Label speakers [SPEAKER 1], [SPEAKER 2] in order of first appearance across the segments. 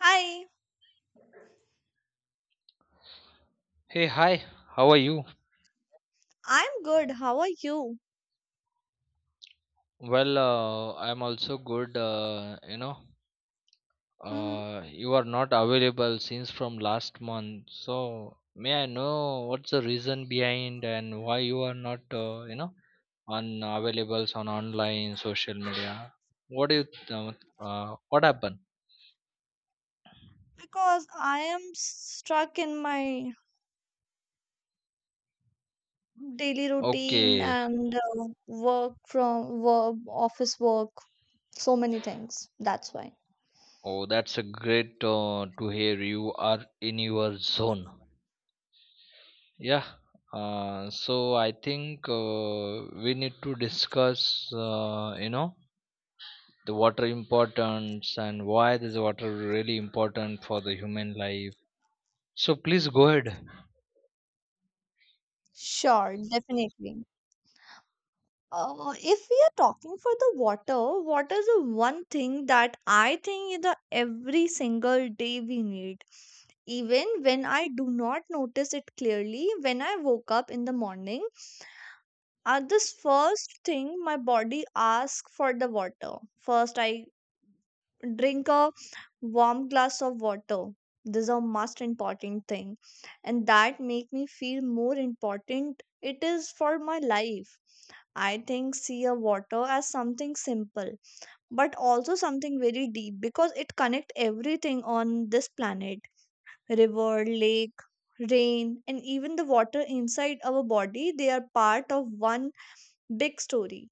[SPEAKER 1] Hi,
[SPEAKER 2] Hey, hi, how are you?
[SPEAKER 1] I'm good. How are you?
[SPEAKER 2] Well, I'm also good.
[SPEAKER 1] hmm
[SPEAKER 2] You are not available since from last month. So, may I know what's the reason behind and why you are not, on available on online social media? What do you, th- What happened?
[SPEAKER 1] Because I am stuck in my daily routine
[SPEAKER 2] Okay.
[SPEAKER 1] and work from work, office work, so many things. That's why.
[SPEAKER 2] Oh, that's a great to hear you are in your zone. Yeah, so I think we need to discuss, the water importance and why this water really important for the human life. So please go ahead.
[SPEAKER 1] Sure, definitely. If we are talking for the water, water is the one thing that I think is the every single day we need. Even when I do not notice it clearly, when I woke up in the morning, at this first thing my body asks for the water first, I drink a warm glass of water. This is a most important thing, and that make me feel more important it is for my life. I think see a water as something simple but also something very deep because it connect everything on this planet, river, lake, rain, and even the water inside our body. They are part of one big story.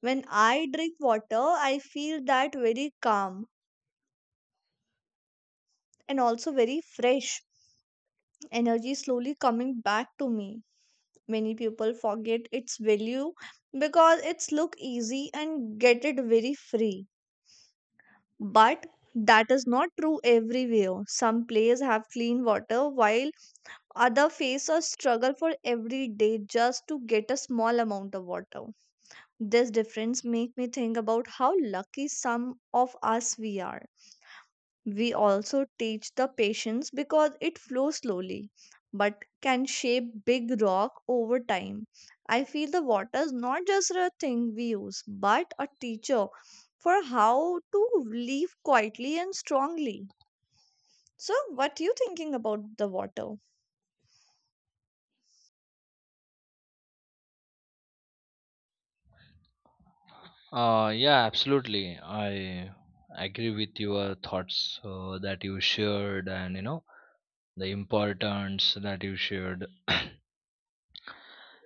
[SPEAKER 1] When I drink water, I feel that very calm, and also very fresh energy slowly coming back to me. Many people forget its value because it's look easy and get it very free. But that is not true everywhere. Some places have clean water, while other face a struggle for every day just to get a small amount of water. This difference make me think about how lucky some of us we are. We also teach the patience because it flows slowly but can shape big rock over time. I feel the water is not just a thing we use but a teacher for how to live quietly and strongly. So what you thinking about the water?
[SPEAKER 2] Yeah, absolutely. I agree with your thoughts that you shared, and the importance that you shared.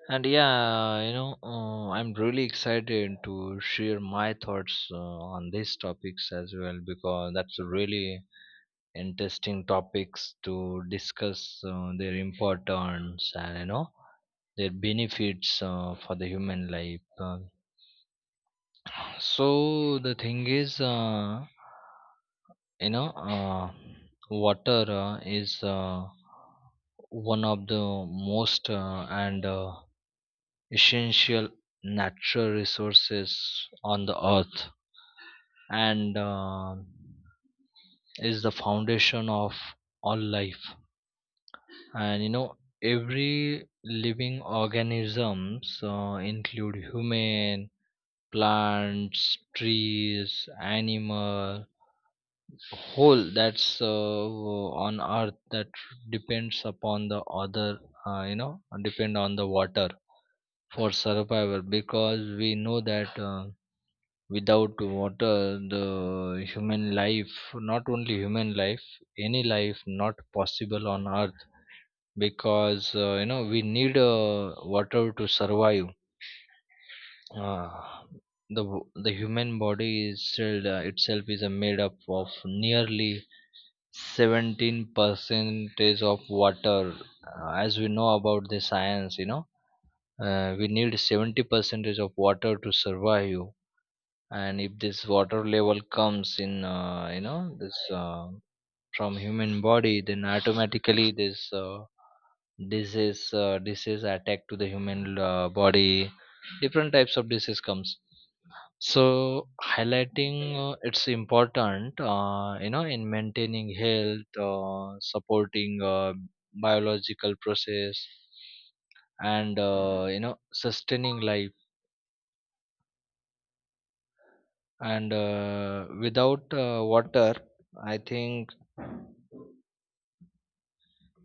[SPEAKER 2] And yeah, I'm really excited to share my thoughts on these topics as well because that's a really interesting topics to discuss their importance and their benefits for the human life. So the thing is, you know, uh, water is one of the most and essential natural resources on the earth, and is the foundation of all life, and every living organisms include human, plants, trees, animal, whole that's on earth that depends upon the other, depend on the water for survival, because we know that without water the human life, not only human life, any life not possible on earth, because we need water to survive. Uh, the w- the human body is still itself is made up of nearly 17 percentage of water. As we know about the science, we need 70 percentage of water to survive. And if this water level comes in, you know this from human body, then automatically this, disease, disease attack to the human body, different types of disease comes. So highlighting it's important, in maintaining health, supporting biological process, and sustaining life. And without water, I think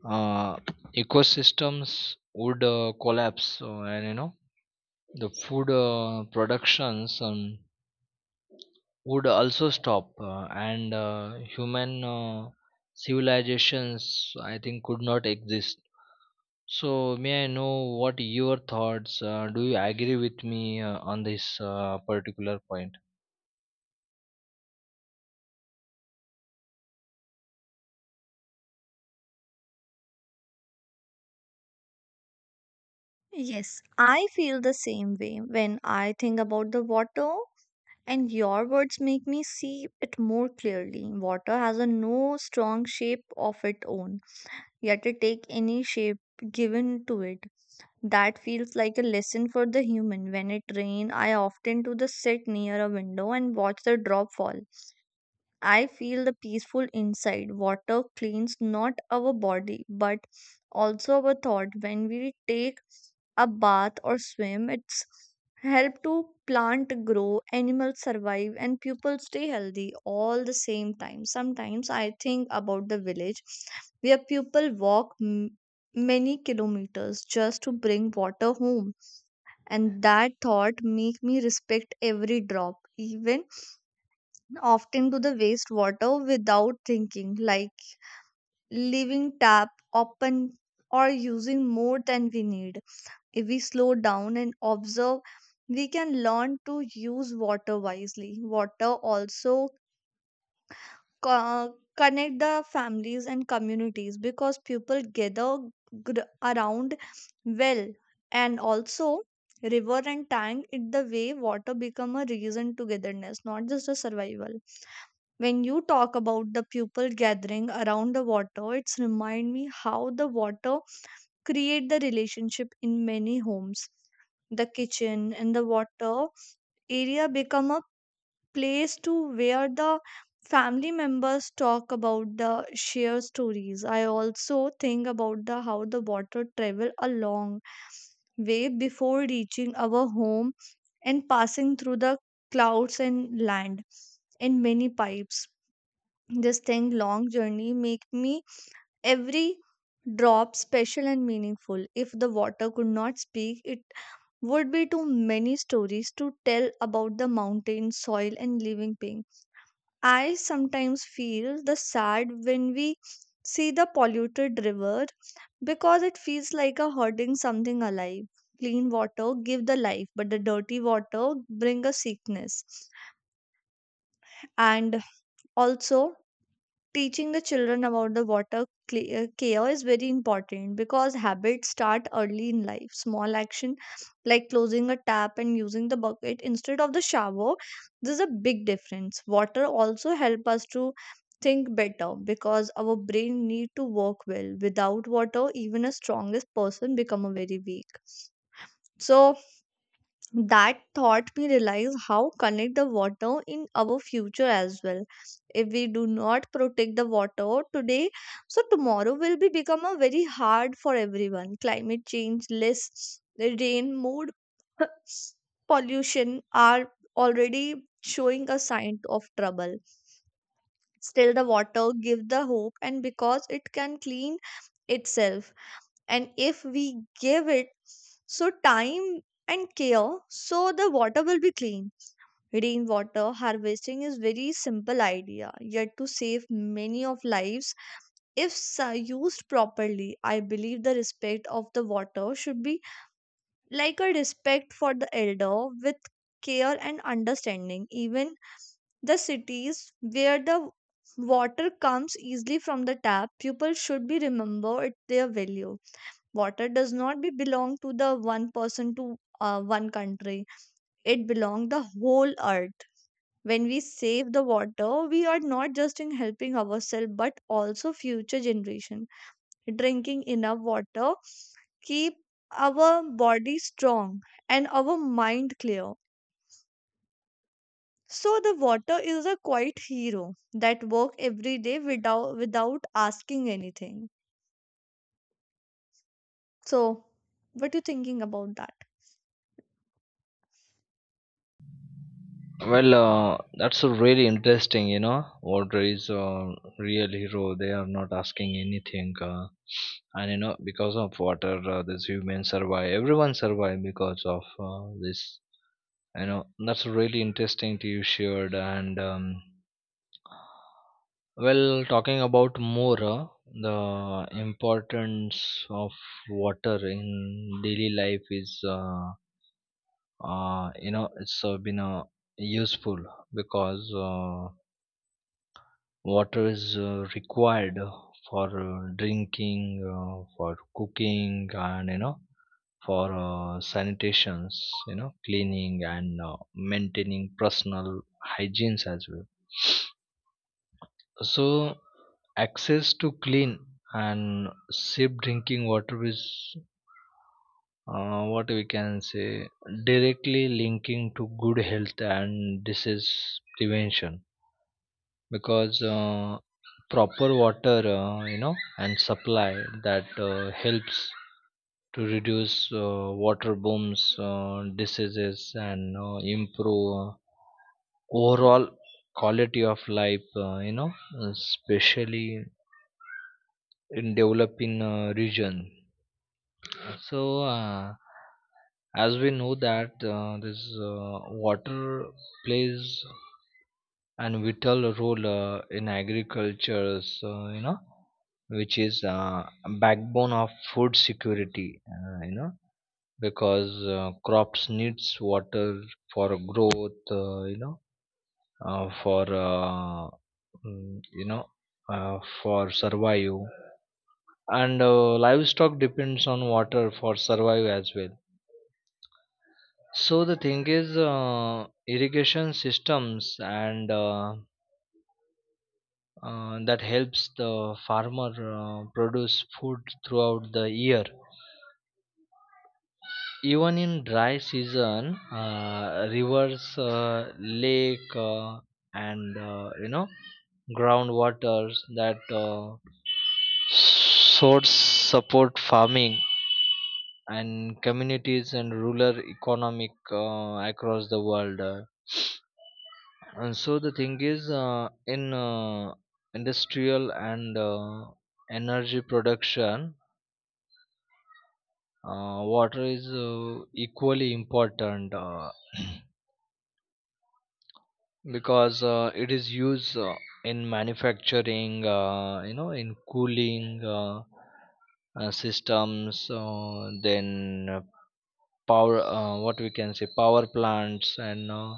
[SPEAKER 2] uh, ecosystems would collapse, and the food productions would also stop, and human civilizations I think could not exist. So may I know what your thoughts, do you agree with me on this particular point?
[SPEAKER 1] Yes, I feel the same way when I think about the water, and your words make me see it more clearly. Water has a no strong shape of its own, yet it take any shape given to it. That feels like a lesson for the human. When it rain, I often to the sit near a window and watch the drop fall. I feel the peaceful inside. Water cleans not our body but also our thought. When we take a bath or swim, it's help to plant grow, animals survive, and people stay healthy all the same time. Sometimes I think about the village where people walk many kilometers just to bring water home, and that thought make me respect every drop, even often to the wastewater without thinking, like leaving tap open or using more than we need. If we slow down and observe, we can learn to use water wisely. Water also connect the families and communities because people gather around well, and also river and tank it the way water become a reason togetherness, not just a survival. When you talk about the people gathering around the water, it's remind me how the water create the relationship in many homes. The kitchen and the water area become a place to where the family members talk about the share stories. I also think about the how the water travel a long way before reaching our home and passing through the clouds and land in many pipes. This thing long journey make me every drop special and meaningful. If the water could not speak, it would be too many stories to tell about the mountain, soil, and living being. I sometimes feel the sad when we see the polluted river because it feels like a hurting something alive. Clean water give the life, but the dirty water bring a sickness. And also, teaching the children about the water care is very important because habits start early in life. Small action like closing a tap and using the bucket instead of the shower, this is a big difference. Water also help us to think better because our brain need to work well. Without water, even a strongest person become a very weak. So that taught me realize how connect the water in our future as well. If we do not protect the water today, so tomorrow will be become a very hard for everyone. Climate change, less rain, mood pollution are already showing a sign of trouble. Still, the water give the hope, and because it can clean itself, and if we give it so time and care, so the water will be clean. Rainwater harvesting is very simple idea yet to save many of lives if used properly. I believe the respect of the water should be like a respect for the elder with care and understanding, even the cities where the water comes easily from the tap, people should be remember it their value. Water does not be belong to the one person to one country, it belong the whole earth. When we save the water, we are not just in helping ourselves but also future generation. Drinking enough water keep our body strong and our mind clear. So the water is a quiet hero that work every day without asking anything. So what you thinking about that?
[SPEAKER 2] Well, that's a really interesting, you know. Water is a real hero. They are not asking anything, and, because of water, these humans survive. Everyone survive because of this. You know, that's really interesting to you shared. And well, talking about more the importance of water in daily life is, you know, it's been useful because. Water is required for drinking, for cooking, and for sanitations, cleaning, and maintaining personal hygienes as well. So access to clean and safe drinking water is, what we can say, directly linking to good health and disease prevention, because proper water, and supply, that helps to reduce water booms, diseases, and improve overall quality of life, especially in developing region. So as we know that, this uh, water plays and vital role in agriculture, so you know which is backbone of food security, uh, you know because crops needs water for growth, you know for mm, you know for survival. And livestock depends on water for survival as well. So the thing is, irrigation systems, and that helps the farmer produce food throughout the year. Even in dry season, rivers, lake, and groundwaters, that source support farming and communities and rural economic across the world. And so the thing is, in industrial and energy production, water is equally important, because it is used in manufacturing, in cooling systems, then power, what we can say, power plants, and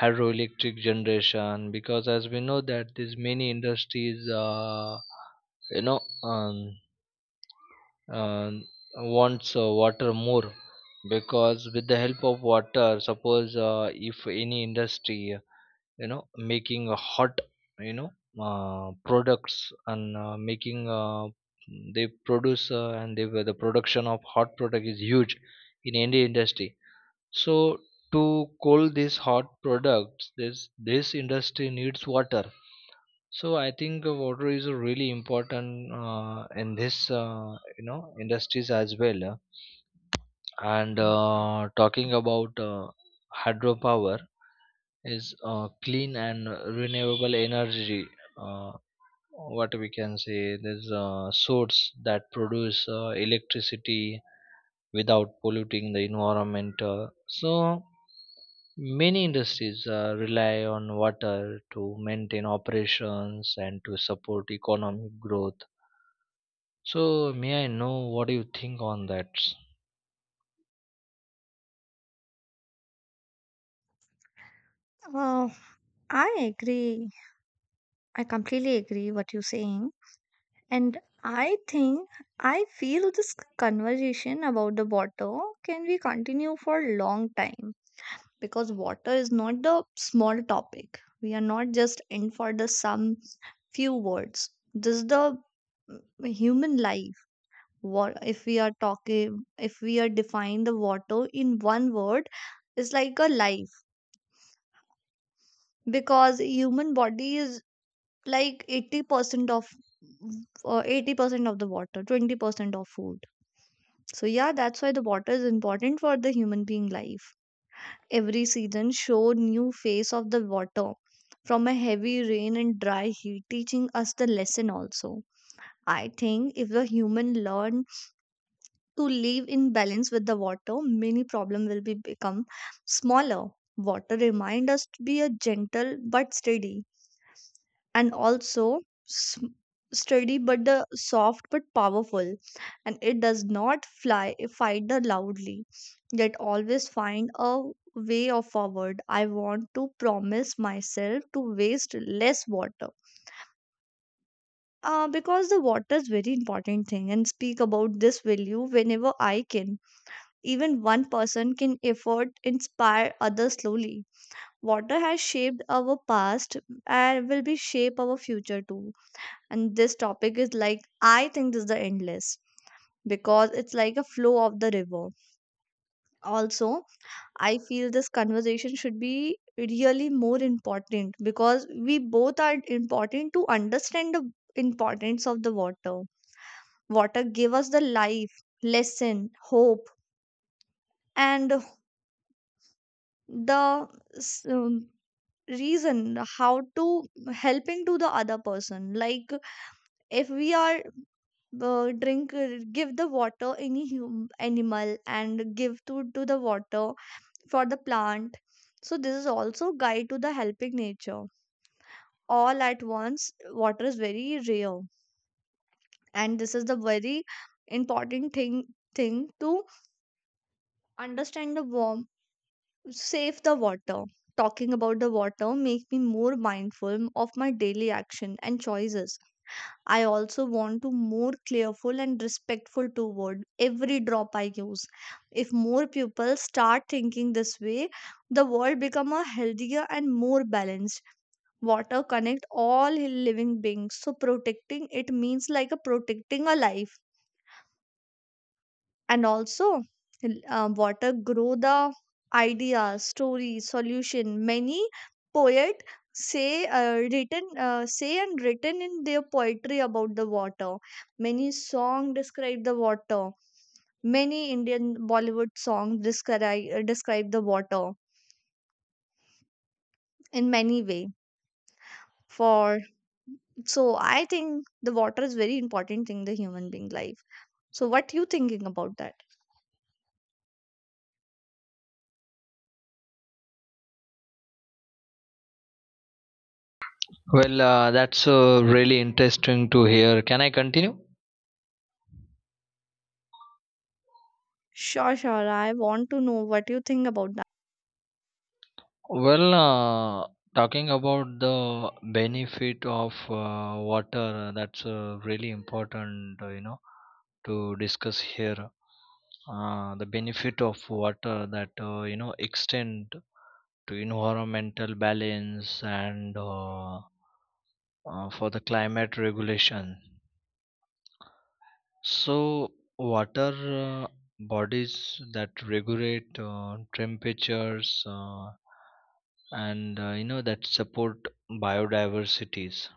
[SPEAKER 2] hydroelectric generation, because as we know that there's many industries you know um, uh, wants water more, because with the help of water suppose if any industry, making a hot, you know products, and making, they produce, and they, the production of hot product is huge in any industry. So to cool these hot products, this industry needs water. So I think water is a really important in this, industries as well. And talking about hydropower is clean and renewable energy. Uh, what we can say, there's a source that produce electricity without polluting the environment. So many industries rely on water to maintain operations and to support economic growth. So may I know what do you think on that?
[SPEAKER 1] Oh, I agree. I completely agree what you're saying. And I think I feel this conversation about the water can be continue for a long time because water is not the small topic. We are not just in for the some few words. This is the human life. What if we are talking, if we are define the water in one word, it's like a life, because human body is like 80% of 80% of the water, 20% of food. So yeah, that's why the water is important for the human being life. Every season show new face of the water, from a heavy rain and dry heat, teaching us the lesson also. I think if the human learn to live in balance with the water, many problem will be become smaller. Water remind us to be a gentle but steady, and also s- steady but the soft but powerful, and it does not fly fight the loudly, yet always find a way of forward. I want to promise myself to waste less water, because the water is very important thing and speak about this value whenever I can. Even one person can effort inspire others slowly. Water has shaped our past and will be shape our future too. And this topic is like, I think this is the endless because it's like a flow of the river. Also, I feel this conversation should be really more important because we both are important to understand the importance of the water. Water give us the life lesson, hope, and the s- um, reason how to helping to the other person. Like if we are drink give the water any animal and give to the water for the plant. So this is also guide to the helping nature all at once. Water is very rare, and this is the very important thing to understand the warm, save the water. Talking about the water make me more mindful of my daily action and choices. I also want to more careful and respectful toward every drop I use. If more people start thinking this way, the world become a healthier and more balanced. Water connect all living beings, so protecting it means like a protecting a life. And also, water grow the idea, story, solution. Many poet say and written in their poetry about the water. Many song describe the water. Many Indian Bollywood song describe describe the water in many way. For, so I think the water is very important thing in the human being life. So what you thinking about that?
[SPEAKER 2] Well, that's really interesting to hear. Can I continue?
[SPEAKER 1] Sure, sure, I want to know what you think about that.
[SPEAKER 2] Well, talking about the benefit of water, that's really important, to discuss here. The benefit of water that, extend to environmental balance, and for the climate regulation. So, water bodies that regulate temperatures, and that support biodiversities,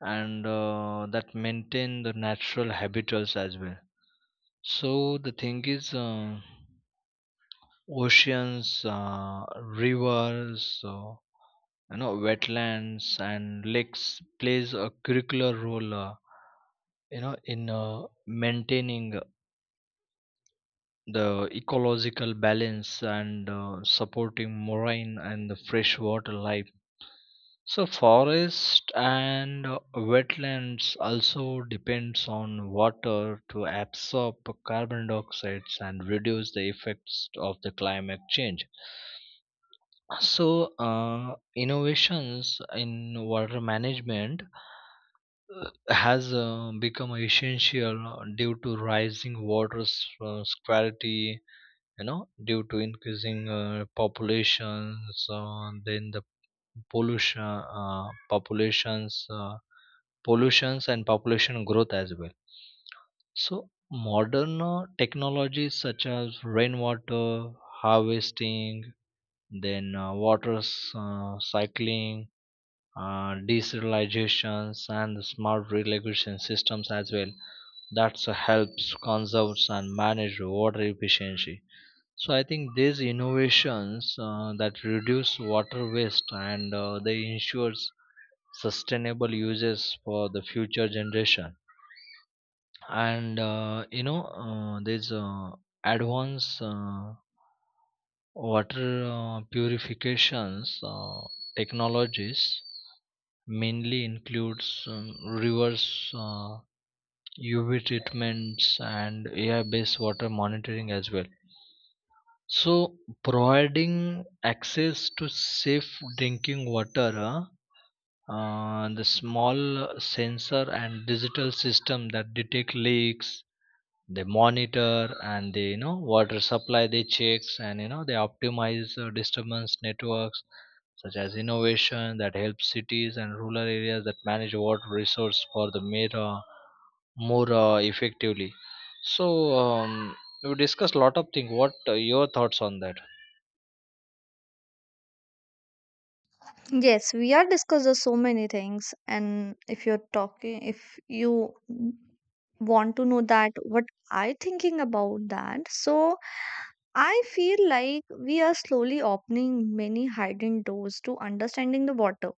[SPEAKER 2] and that maintain the natural habitats as well. So the thing is, oceans, rivers, wetlands and lakes plays a curricular role, in maintaining the ecological balance, and supporting marine and the freshwater life. So forest and wetlands also depends on water to absorb carbon dioxide and reduce the effects of the climate change. So innovations in water management has become essential due to rising scarcity, due to increasing populations, then the pollution populations pollutions and population growth as well. So modern technologies such as rainwater harvesting, then water cycling, desertilizations, and the smart irrigation systems as well, that helps conserves and manage water efficiency. So I think these innovations that reduce water waste, and they ensures sustainable uses for the future generation. And you know, there's advanced water purifications technologies, mainly includes reverse UV treatments and AI-based water monitoring as well. So, providing access to safe drinking water, huh? The small sensor and digital system that detect leaks, they monitor and they, water supply they checks, and they optimize disturbance networks, such as innovation that helps cities and rural areas that manage water resource for the mere more effectively. So we discussed a lot of things. What your thoughts on that?
[SPEAKER 1] Yes, we are discussing so many things, and if you're talking, if you want to know that what I thinking about that, so I feel like we are slowly opening many hidden doors to understanding the water.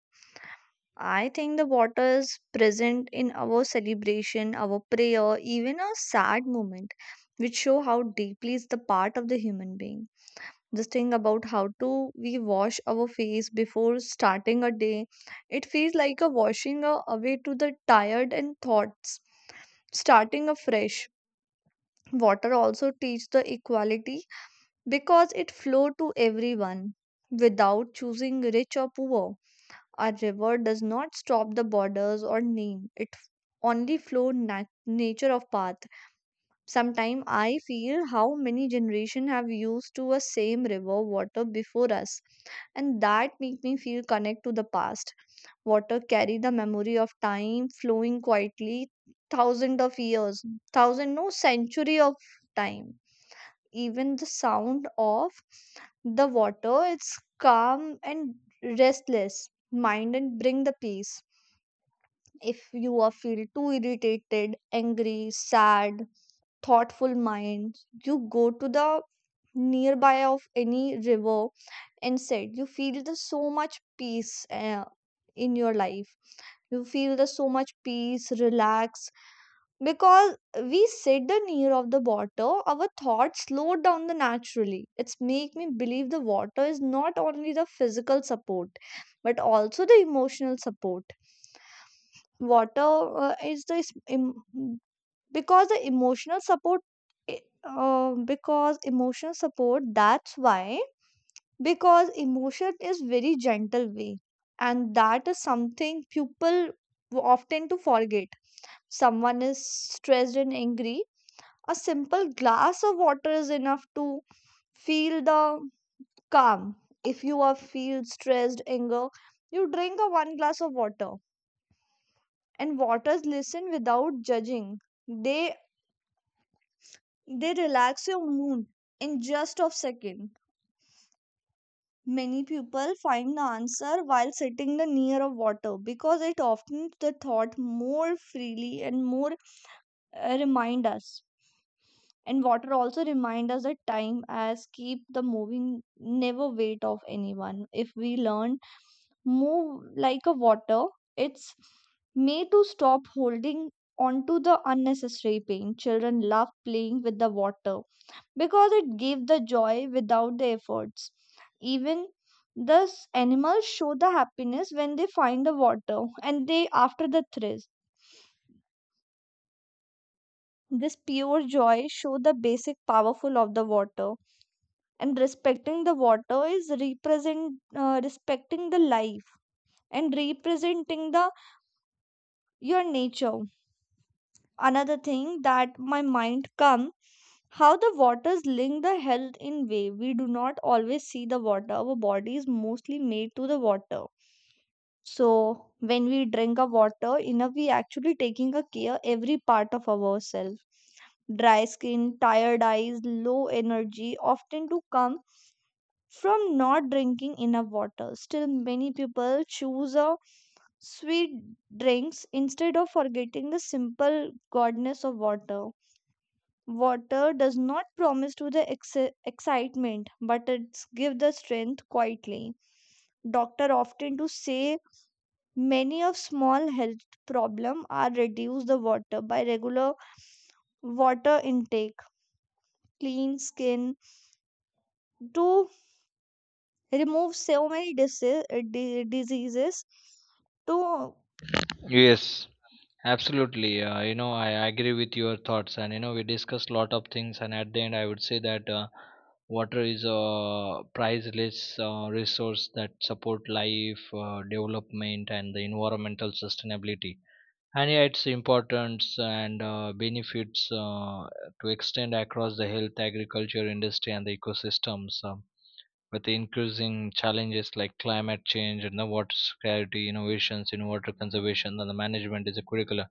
[SPEAKER 1] I think the water is present in our celebration, our prayer, even our sad moment, which show how deeply is the part of the human being. This thing about how to we wash our face before starting a day, it feels like a washing away to the tired and thoughts, starting afresh. Water also teach the equality because it flow to everyone without choosing rich or poor. A river does not stop the borders or name it only flow nature of path. Sometimes I feel how many generation have used to a same river water before us, and that make me feel connect to the past. Water carry the memory of time flowing quietly thousand of years, thousand no century of time. Even the sound of the water, it's calm and restless mind and bring the peace. If you are feel too irritated, angry, sad, thoughtful minds. You go to the nearby of any river and sit. You feel the so much peace in your life. You feel the so much peace, relax. Because we sit the near of the water, our thoughts slow down the naturally. It's make me believe the water is not only the physical support, but also the emotional support. Water is the is- em- because the emotional support, I- because emotional support that's why because emotion is very gentle way, and that is something people often to forget. Someone is stressed and angry, a simple glass of water is enough to feel the calm. If you are feel stressed, anger, you drink a one glass of water. And waters listen without judging. they They relax your mood in just a second. Many people find the answer while sitting the near of water because it often the thought more freely and more remind us. And water also remind us that time as keep the moving, never wait of anyone. If we learn move like a water, it's made to stop holding onto the unnecessary pain. Children love playing with the water because it gave the joy without the efforts. Even thus, animals show the happiness when they find the water and they after the thirst. This pure joy show the basic powerful of the water, and respecting the water is represent respecting the life and representing the your nature. Another thing that my mind come, how the waters link the health in way we do not always see. The water our body is mostly made to the water, so when we drink a water enough, we actually taking a care every part of ourselves. Dry skin, tired eyes, low energy often do come from not drinking enough water. Still many people choose a sweet drinks instead of forgetting the simple goodness of water. Water does not promise to the excitement, but it gives the strength quietly. Doctor often to say many of small health problem are reduced the water by regular water intake, clean skin to remove so many diseases. To
[SPEAKER 2] Yes, absolutely. I agree with your thoughts, and we discussed a lot of things, and at the end, I would say that water is a priceless resource that support life, development, and the environmental sustainability. And yeah, its importance and benefits to extend across the health, agriculture, industry, and the ecosystems. With the increasing challenges like climate change and the water scarcity, innovations in water conservation and the management is a critical.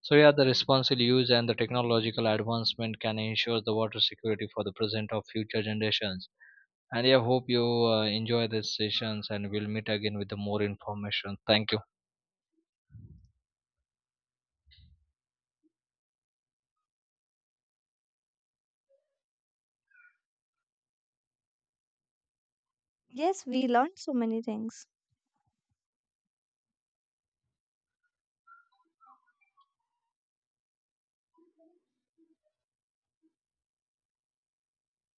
[SPEAKER 2] So yeah, the responsible use and the technological advancement can ensure the water security for the present of future generations. And yeah, hope you enjoy these sessions, and we'll meet again with the more information. Thank you.
[SPEAKER 1] yes, we learned so many things.